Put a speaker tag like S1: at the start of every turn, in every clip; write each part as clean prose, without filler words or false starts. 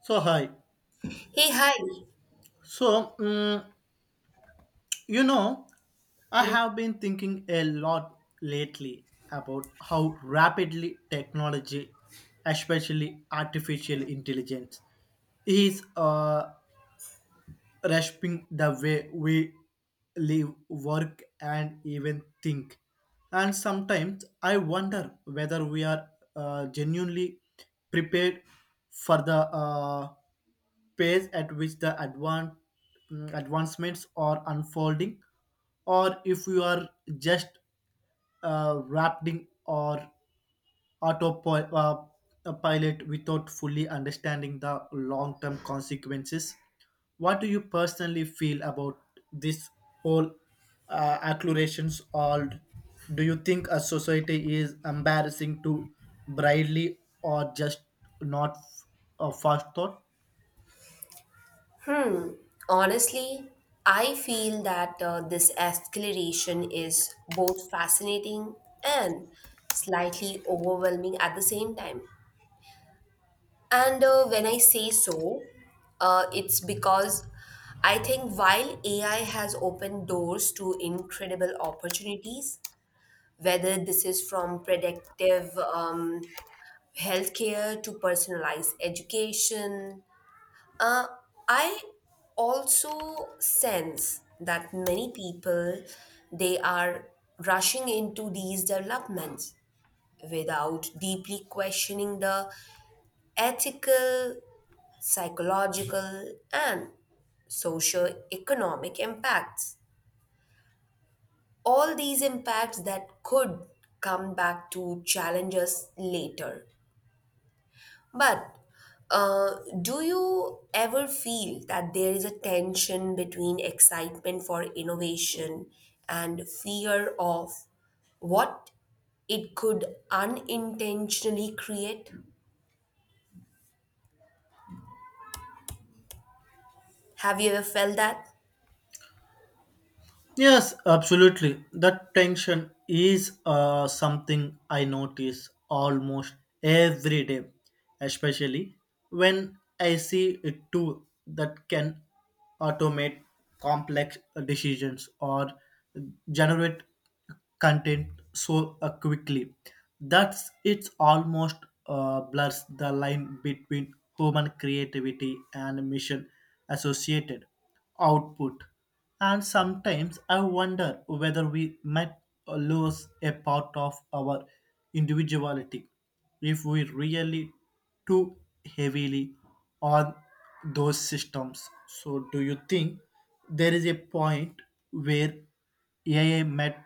S1: So, hi.
S2: Hey, hi.
S1: So, mm, you know, I have been thinking a lot lately about how rapidly technology, especially artificial intelligence, is rasping the way we live, work, and even think. And sometimes I wonder whether we are genuinely prepared for the pace at which the advancements are unfolding, or if we are just wrapped in or autopilot a pilot without fully understanding the long-term consequences. What do you personally feel about this whole acclarations? Or do you think a society is embarrassing to brightly or just not a fast thought?
S2: Hmm. Honestly, I feel that this escalation is both fascinating and slightly overwhelming at the same time. And when I say so, it's because I think while AI has opened doors to incredible opportunities, whether this is from predictive healthcare to personalized education. Uh, I also sense that many people they are rushing into these developments without deeply questioning the ethical, psychological, and socio-economic impacts. All these impacts that could come back to challenge us later. But do you ever feel that there is a tension between excitement for innovation and fear of what it could unintentionally create? Have you ever felt that?
S1: Yes, absolutely. That tension is something I notice almost every day, especially when I see a tool that can automate complex decisions or generate content so quickly that's it's almost blurs the line between human creativity and mission associated output, and sometimes I wonder whether we might lose a part of our individuality if we really too heavily on those systems. So do you think there is a point where AI met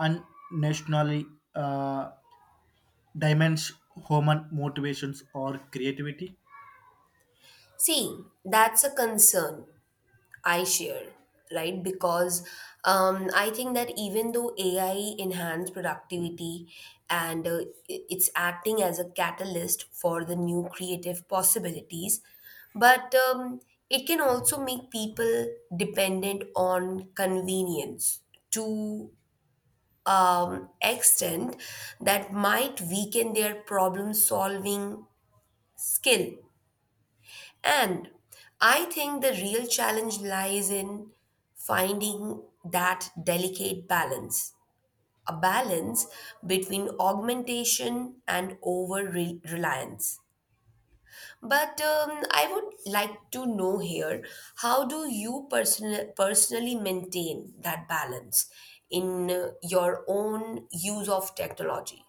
S1: unnationally uh, dimensions human motivations or creativity?
S2: See, that's a concern I share, right? Because I think that even though AI enhanced productivity and it's acting as a catalyst for the new creative possibilities, but it can also make people dependent on convenience to extent that might weaken their problem solving skill, and I think the real challenge lies in finding that delicate balance, a balance between augmentation and reliance. But I would like to know here, how do you personally maintain that balance in your own use of technology?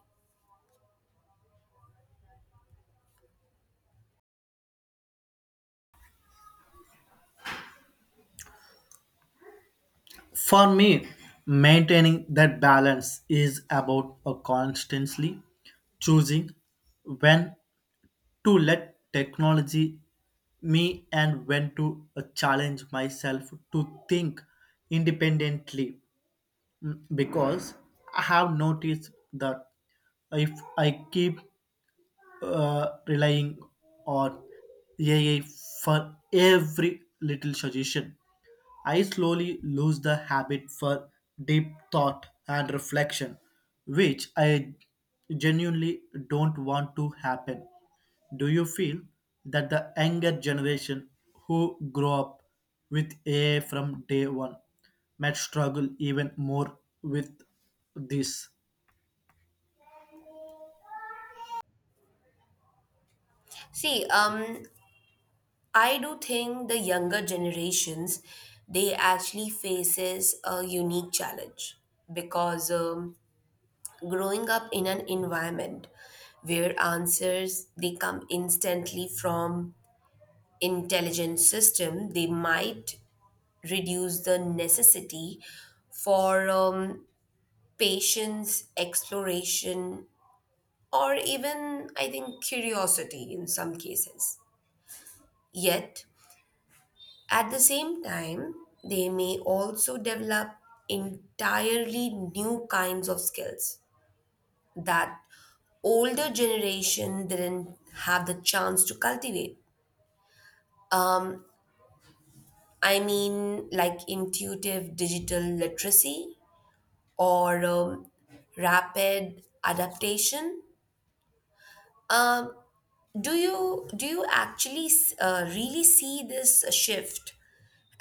S1: For me, maintaining that balance is about constantly choosing when to let technology me and when to challenge myself to think independently. Mm, because I have noticed that if I keep relying on AI for every little suggestion. I slowly lose the habit for deep thought and reflection, which I genuinely don't want to happen. Do you feel that the younger generation who grow up with AI from day one might struggle even more with this?
S2: See, I do think the younger generations they actually faces a unique challenge because growing up in an environment where answers they come instantly from intelligent system, they might reduce the necessity for patience exploration, or even I think curiosity in some cases. Yet at the same time, they may also develop entirely new kinds of skills that older generation didn't have the chance to cultivate. Um, I mean, like intuitive digital literacy or rapid adaptation. Um, do you actually really see this shift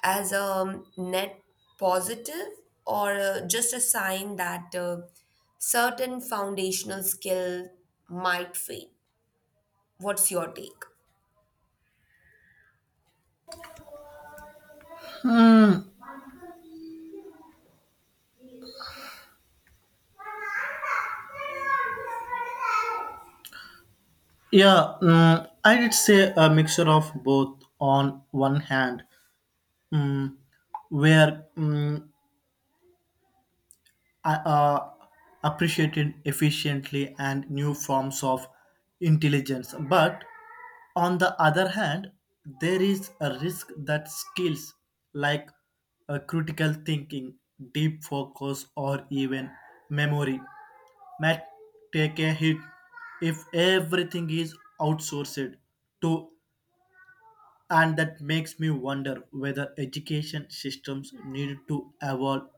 S2: as a net positive, or just a sign that certain foundational skill might fade? What's your take?
S1: Yeah, I did say a mixture of both. On one hand, mm, where mm, I appreciated efficiently and new forms of intelligence, but on the other hand, there is a risk that skills like critical thinking, deep focus, or even memory might take a hit if everything is outsourced to. And that makes me wonder whether education systems need to evolve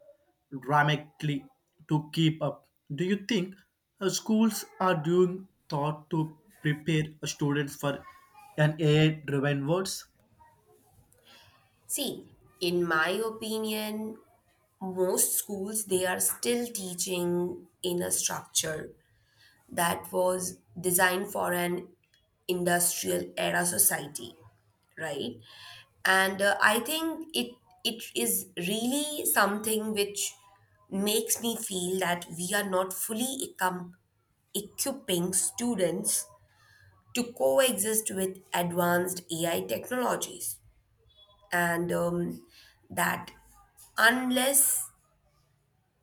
S1: dramatically to keep up. Do you think schools are doing thought to prepare students for an AI driven world?
S2: See, in my opinion, most schools they are still teaching in a structure that was designed for an industrial era society, right? And I think it it is really something which makes me feel that we are not fully equipping students to coexist with advanced AI technologies, and that unless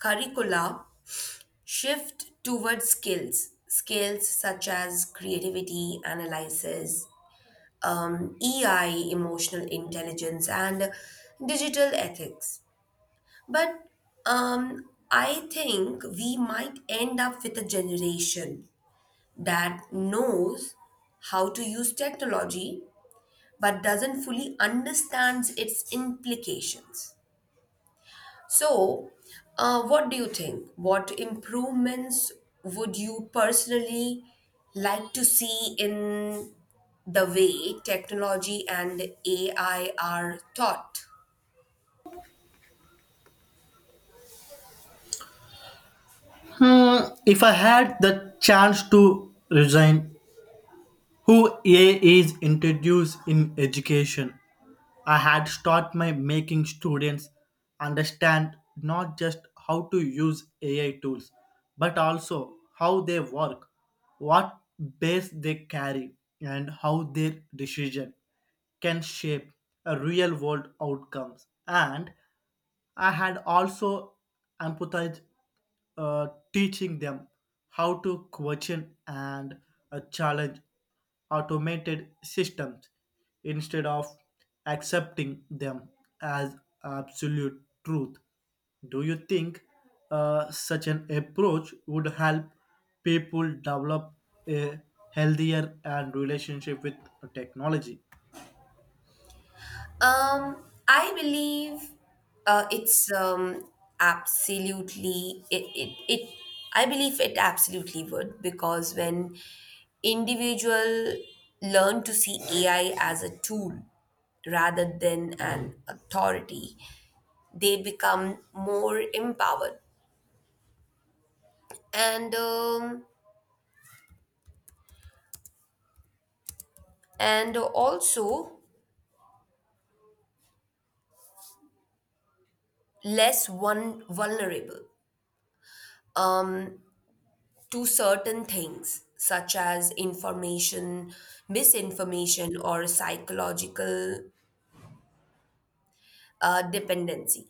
S2: curricula shift towards skills such as creativity analysis, ei emotional intelligence, and digital ethics. But I think we might end up with a generation that knows how to use technology but doesn't fully understands its implications. So, what do you think? What improvements would you personally like to see in the way technology and AI are taught?
S1: Hmm, if I had the chance to resign, who AI is introduced in education, I had start my making students understand not just how to use AI tools, but also how they work, what base they carry, and how their decision can shape a real world outcomes. And I had also empathized uh, teaching them how to question and challenge automated systems instead of accepting them as absolute truth. Do you think such an approach would help people develop a healthier and relationship with technology?
S2: I believe uh, it's um, it I believe it absolutely would, because when individual learn to see AI as a tool rather than an authority, they become more empowered, and um, and also less one vulnerable. Um, to certain things, such as information, misinformation, or psychological dependency.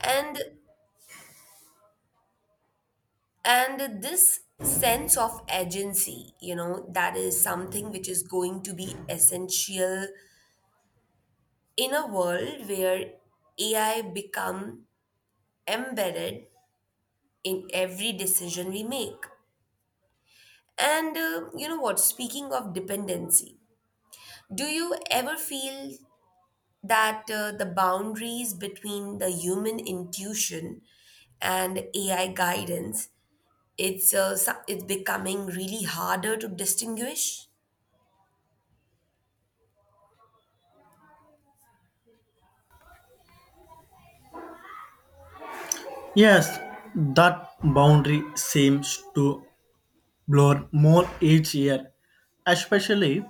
S2: And this sense of agency, you know, that is something which is going to be essential in a world where AI become embedded in every decision we make. And you know what? Speaking of dependency, do you ever feel that the boundaries between the human intuition and AI guidance, it's it's becoming really harder to distinguish.
S1: Yes, that boundary seems to blur more each year, especially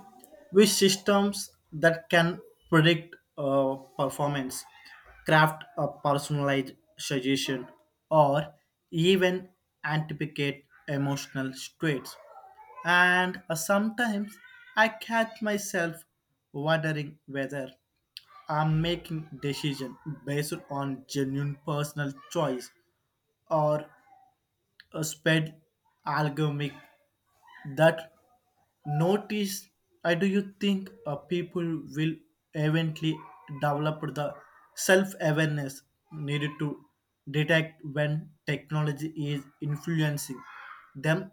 S1: with systems that can predict performance, craft a personalized suggestion, or even anticipate emotional states. And sometimes I catch myself wondering whether I'm making decision based on genuine personal choice or a spread algorithmic that notice I. Do you think people will eventually develop the self-awareness needed to detect when technology is influencing them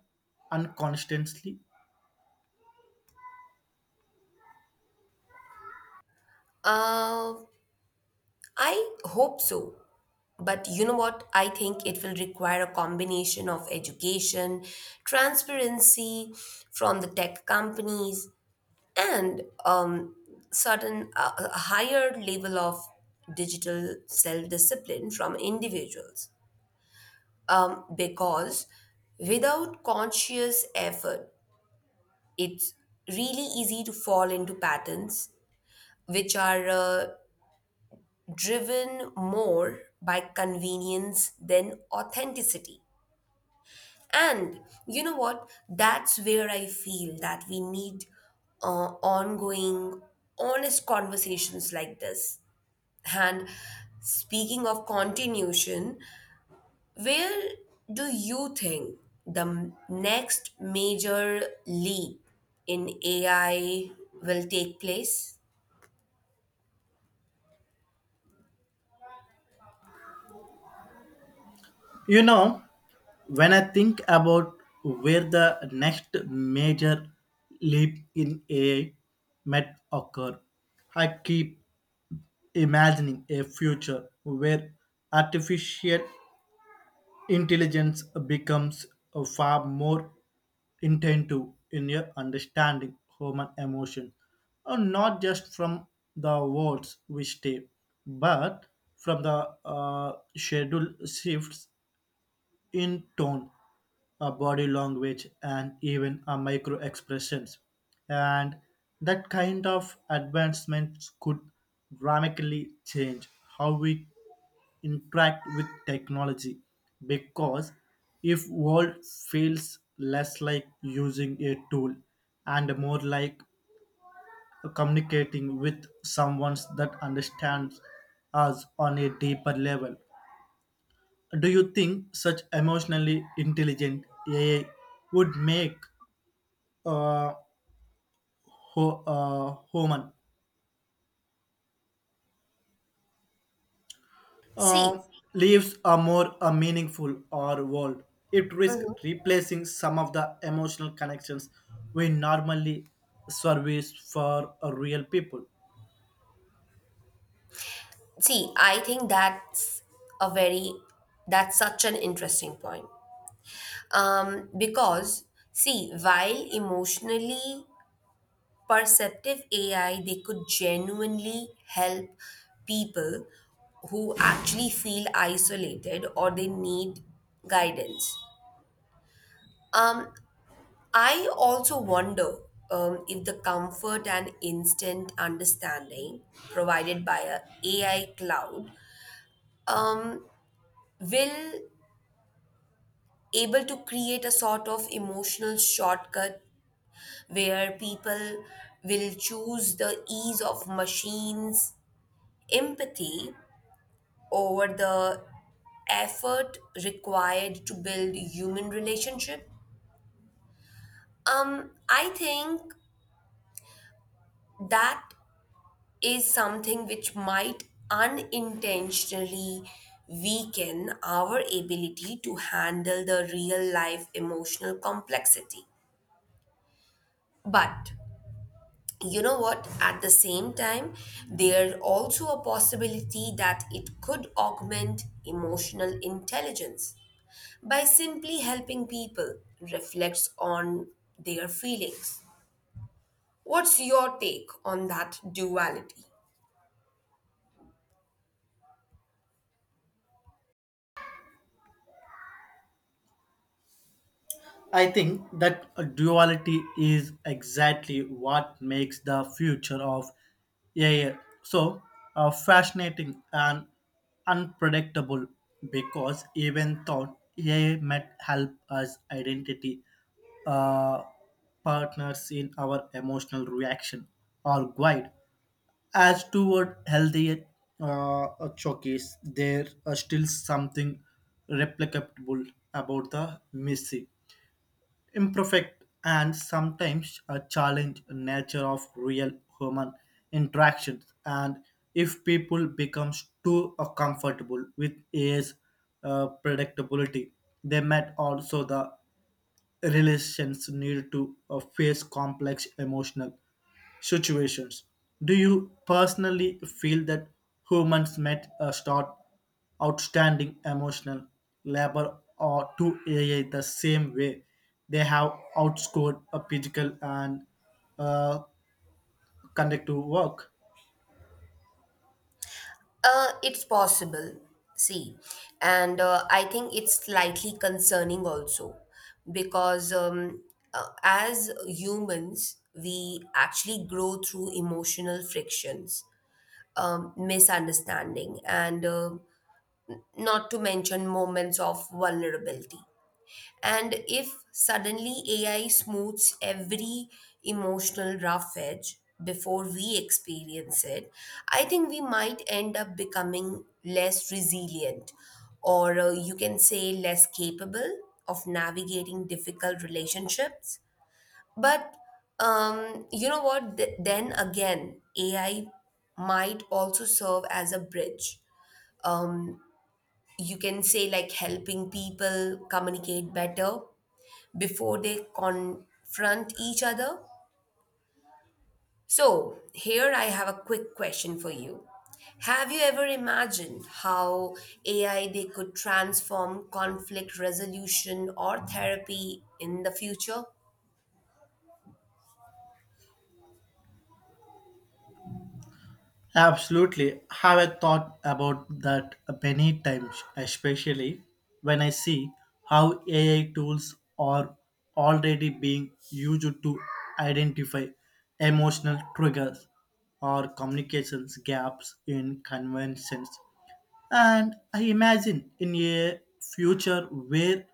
S1: unconsciously?
S2: Uh, I hope so, but you know what? I think it will require a combination of education, transparency from the tech companies, and certain a higher level of digital self discipline from individuals. Because without conscious effort, it's really easy to fall into patterns which are driven more by convenience than authenticity. And you know what? That's where I feel that we need ongoing, honest conversations like this. And speaking of continuation, where do you think the next major leap in AI will take place?
S1: You know, when I think about where the next major leap in AI might occur, I keep imagining a future where artificial intelligence becomes far more intensive in your understanding human emotion, not just from the words we say, but from the schedule shifts in tone, a body language, and even a micro expressions. And that kind of advancements could dramatically change how we interact with technology because if world feels less like using a tool and more like communicating with someone that understands us on a deeper level. Do you think such emotionally intelligent AI would make uh, human uh,
S2: See,
S1: lives a more a meaningful or world? It risks replacing some of the emotional connections we normally service for real people.
S2: see, I think that's a very that's such an interesting point. Because see, while emotionally perceptive AI, they could genuinely help people who actually feel isolated or they need guidance. Um, I also wonder if the comfort and instant understanding provided by a AI cloud um, will able to create a sort of emotional shortcut where people will choose the ease of machines empathy over the effort required to build human relationship. I think that is something which might unintentionally weaken our ability to handle the real life emotional complexity. But you know what? At the same time, there's also a possibility that it could augment emotional intelligence by simply helping people reflect on their feelings. What's your take on that duality?
S1: I think that duality is exactly what makes the future of AI so fascinating and unpredictable because even though AI might help us identity uh, partners in our emotional reaction or guide as toward healthier uh, choices, there are still something replicable about the missing imperfect and sometimes a challenge nature of real human interactions. And if people becomes too comfortable with AI's predictability, they might also the relations need to face complex emotional situations. Do you personally feel that humans might start outstanding emotional labor or to AI the same way they have outscored a physical and uh, conductive work?
S2: It's possible. See, and I think it's slightly concerning also because as humans, we actually grow through emotional frictions, misunderstanding, and not to mention moments of vulnerability. And if suddenly AI smooths every emotional rough edge before we experience it, I think we might end up becoming less resilient, or you can say less capable of navigating difficult relationships. But you know what? Then again, AI might also serve as a bridge. Um, you can say, like, helping people communicate better before they confront each other? So, here I have a quick question for you. Have you ever imagined how AI they could transform conflict resolution or therapy in the future?
S1: Absolutely. Have I thought about that many times, especially when I see how AI tools are already being used to identify emotional triggers or communications gaps in conventions. And I imagine in a future where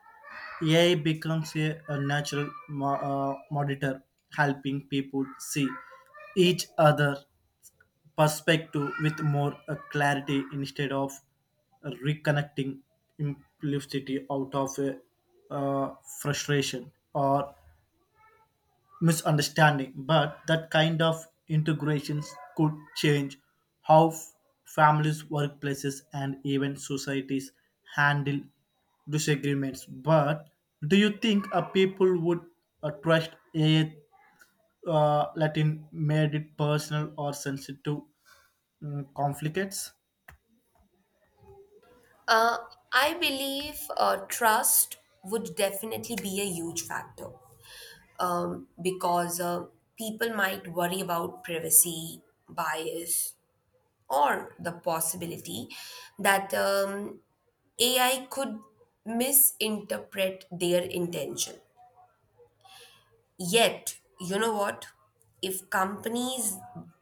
S1: AI becomes a natural monitor, helping people see each other perspective with more clarity instead of reconnecting implicitly out of uh, frustration or misunderstanding. But that kind of integrations could change how families, workplaces, and even societies handle disagreements. But do you think a people would trust a Latin made it personal or sensitive conflicts?
S2: Uh, I believe trust would definitely be a huge factor because people might worry about privacy bias, or the possibility that AI could misinterpret their intention. Yet, you know what? If companies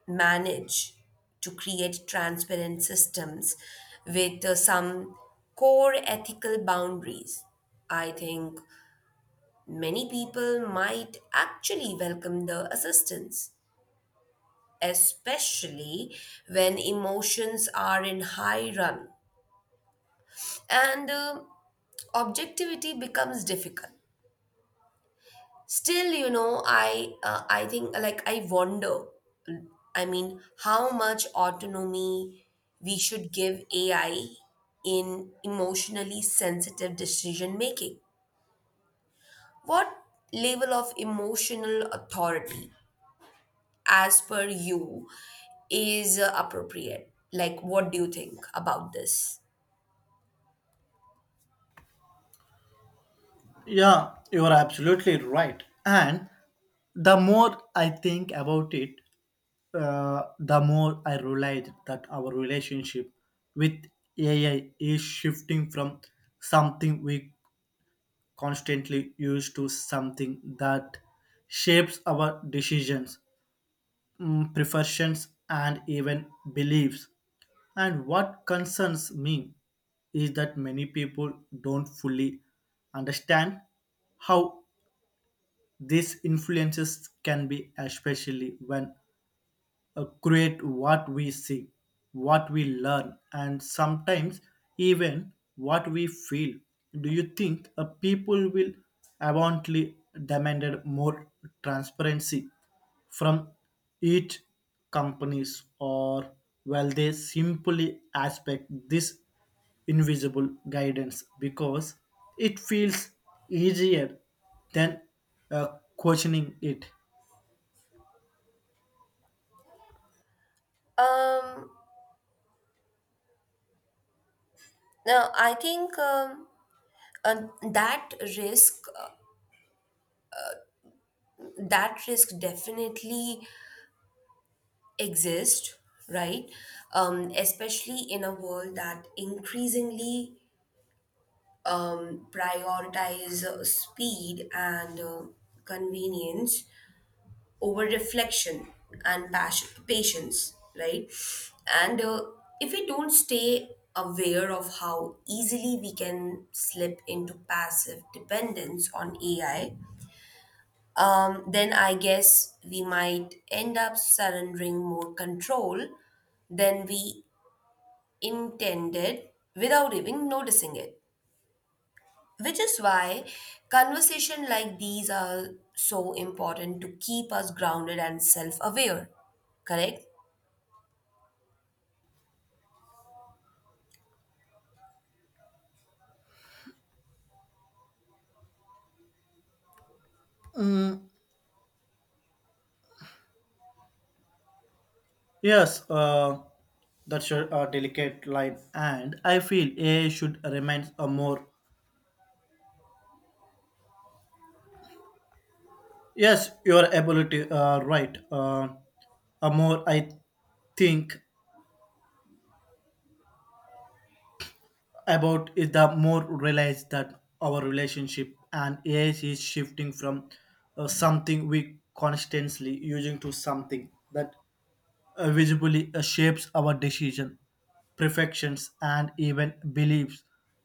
S2: manage to create transparent systems with some core ethical boundaries, I think many people might actually welcome the assistance, especially when emotions are in high run, and objectivity becomes difficult. Still, you know, I think, like, I wonder, I mean, how much autonomy we should give AI in emotionally sensitive decision making. What level of emotional authority, as per you, is appropriate? Like, what do you think about this?
S1: Yeah, you are absolutely right. And the more I think about it, the more I realize that our relationship with AI is shifting from something we constantly use to something that shapes our decisions, preferences, and even beliefs. And what concerns me is that many people don't fully understand how these influences can be, especially when create what we see, what we learn, and sometimes even what we feel. Do you think people will abundantly demanded more transparency from each companies, or will they simply expect this invisible guidance because it feels easier than uh, questioning it?
S2: um Now I think uh, that risk that risk definitely exist, right? Especially in a world that increasingly prioritize speed and convenience over reflection and patience, right? And if we don't stay aware of how easily we can slip into passive dependence on AI, then I guess we might end up surrendering more control than we intended without even noticing it. Which is why conversation like these are so important to keep us grounded and self aware. Correct?
S1: Yes, that's a delicate line, and I feel A should remain a more. Yes, your ability, right. A more I think about is the more realize that our relationship and A is shifting from something we constantly using to something that visibly shapes our decision, perfections, and even beliefs.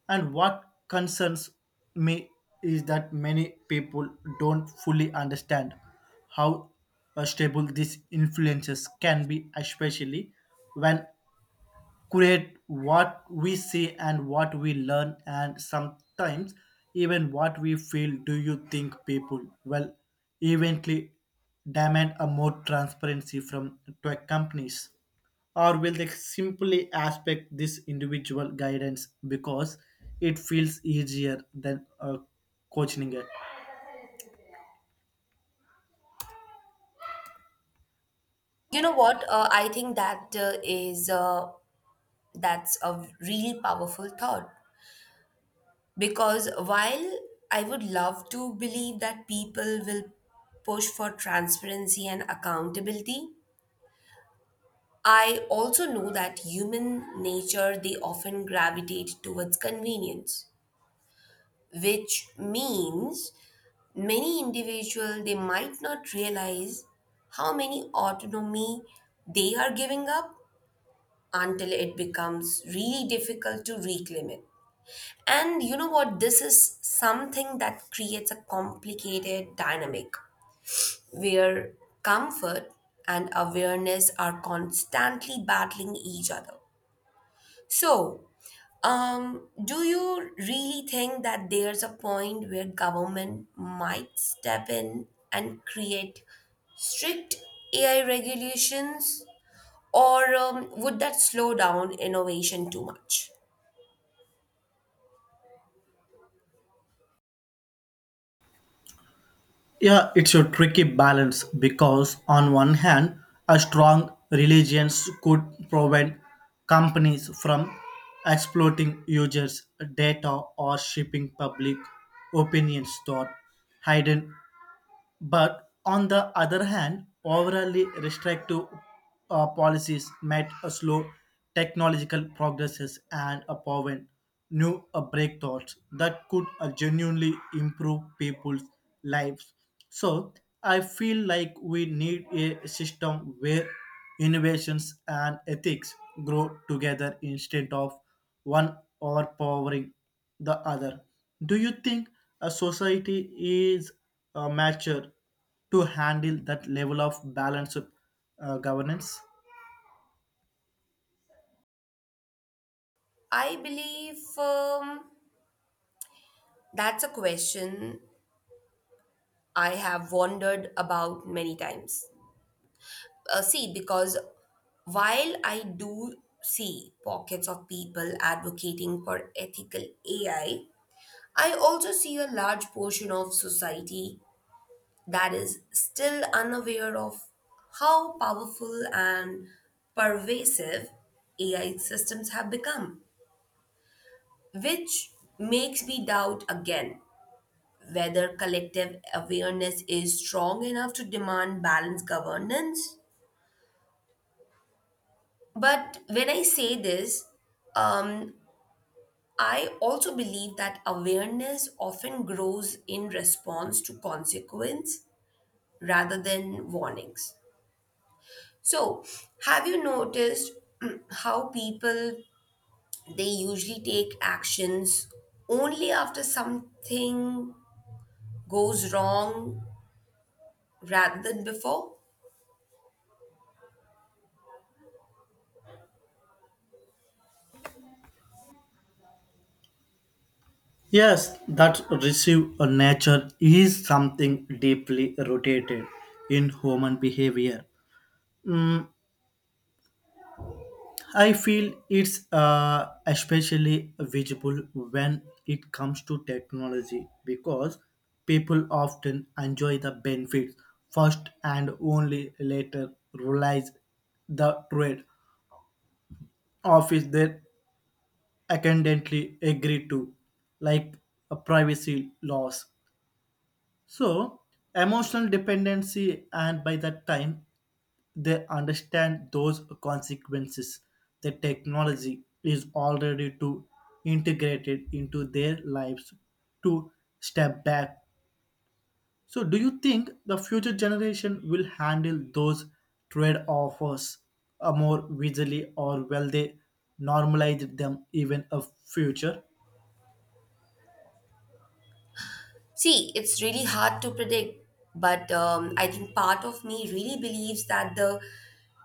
S1: And what concerns me is that many people don't fully understand how stable these influences can be, especially when create what we see and what we learn and sometimes even what we feel. Do you think people well eventually demand a more transparency from tech companies, or will they simply aspect this individual guidance because it feels easier than coaching it?
S2: You know what? I think that is that's a really powerful thought, because while I would love to believe that people will push for transparency and accountability, I also know that human nature they often gravitate towards convenience, which means many individuals they might not realize how many autonomy they are giving up until it becomes really difficult to reclaim it. And you know what? This is something that creates a complicated dynamic where comfort and awareness are constantly battling each other. So, do you really think that there's a point where government might step in and create strict AI regulations, or would that slow down innovation too much?
S1: Yeah, it's a tricky balance because, on one hand, a strong religions could prevent companies from exploiting users' data or shaping public opinions toward hidden, but on the other hand, overly restrictive policies might slow technological progresses and prevent new breakthroughs that could genuinely improve people's lives. So I feel like we need a system where innovations and ethics grow together instead of one overpowering the other. Do you think a society is mature to handle that level of balance governance?
S2: I believe that's a question I have wondered about many times. See, because while I do see pockets of people advocating for ethical AI, I also see a large portion of society that is still unaware of how powerful and pervasive AI systems have become, which makes me doubt again whether collective awareness is strong enough to demand balanced governance. But when I say this, um, I also believe that awareness often grows in response to consequence rather than warnings. So, have you noticed how people they usually take actions only after something goes wrong rather than before?
S1: Yes, that receive a nature is something deeply rooted in human behavior. Mm, I feel it's especially visible when it comes to technology because people often enjoy the benefits first and only later realize the trade off is they accidentally agree to, like a privacy loss. So, emotional dependency, and by that time, they understand those consequences. The technology is already too integrated into their lives to step back. So, do you think the future generation will handle those trade offers more easily, or will they normalize them even a future?
S2: See, it's really hard to predict, but I think part of me really believes that the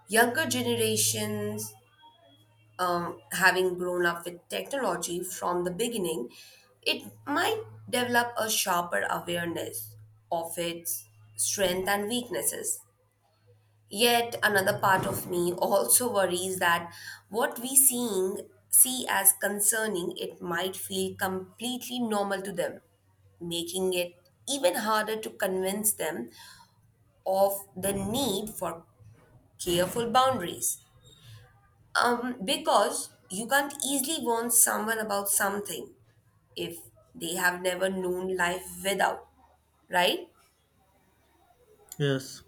S2: younger generations, having grown up with technology from the beginning, it might develop a sharper awareness of its strength and weaknesses. Yet another part of me also worries that what we see as concerning, it might feel completely normal to them, making it even harder to convince them of the need for careful boundaries. Because you can't easily warn someone about something if they have never known life without, right?
S1: Yes.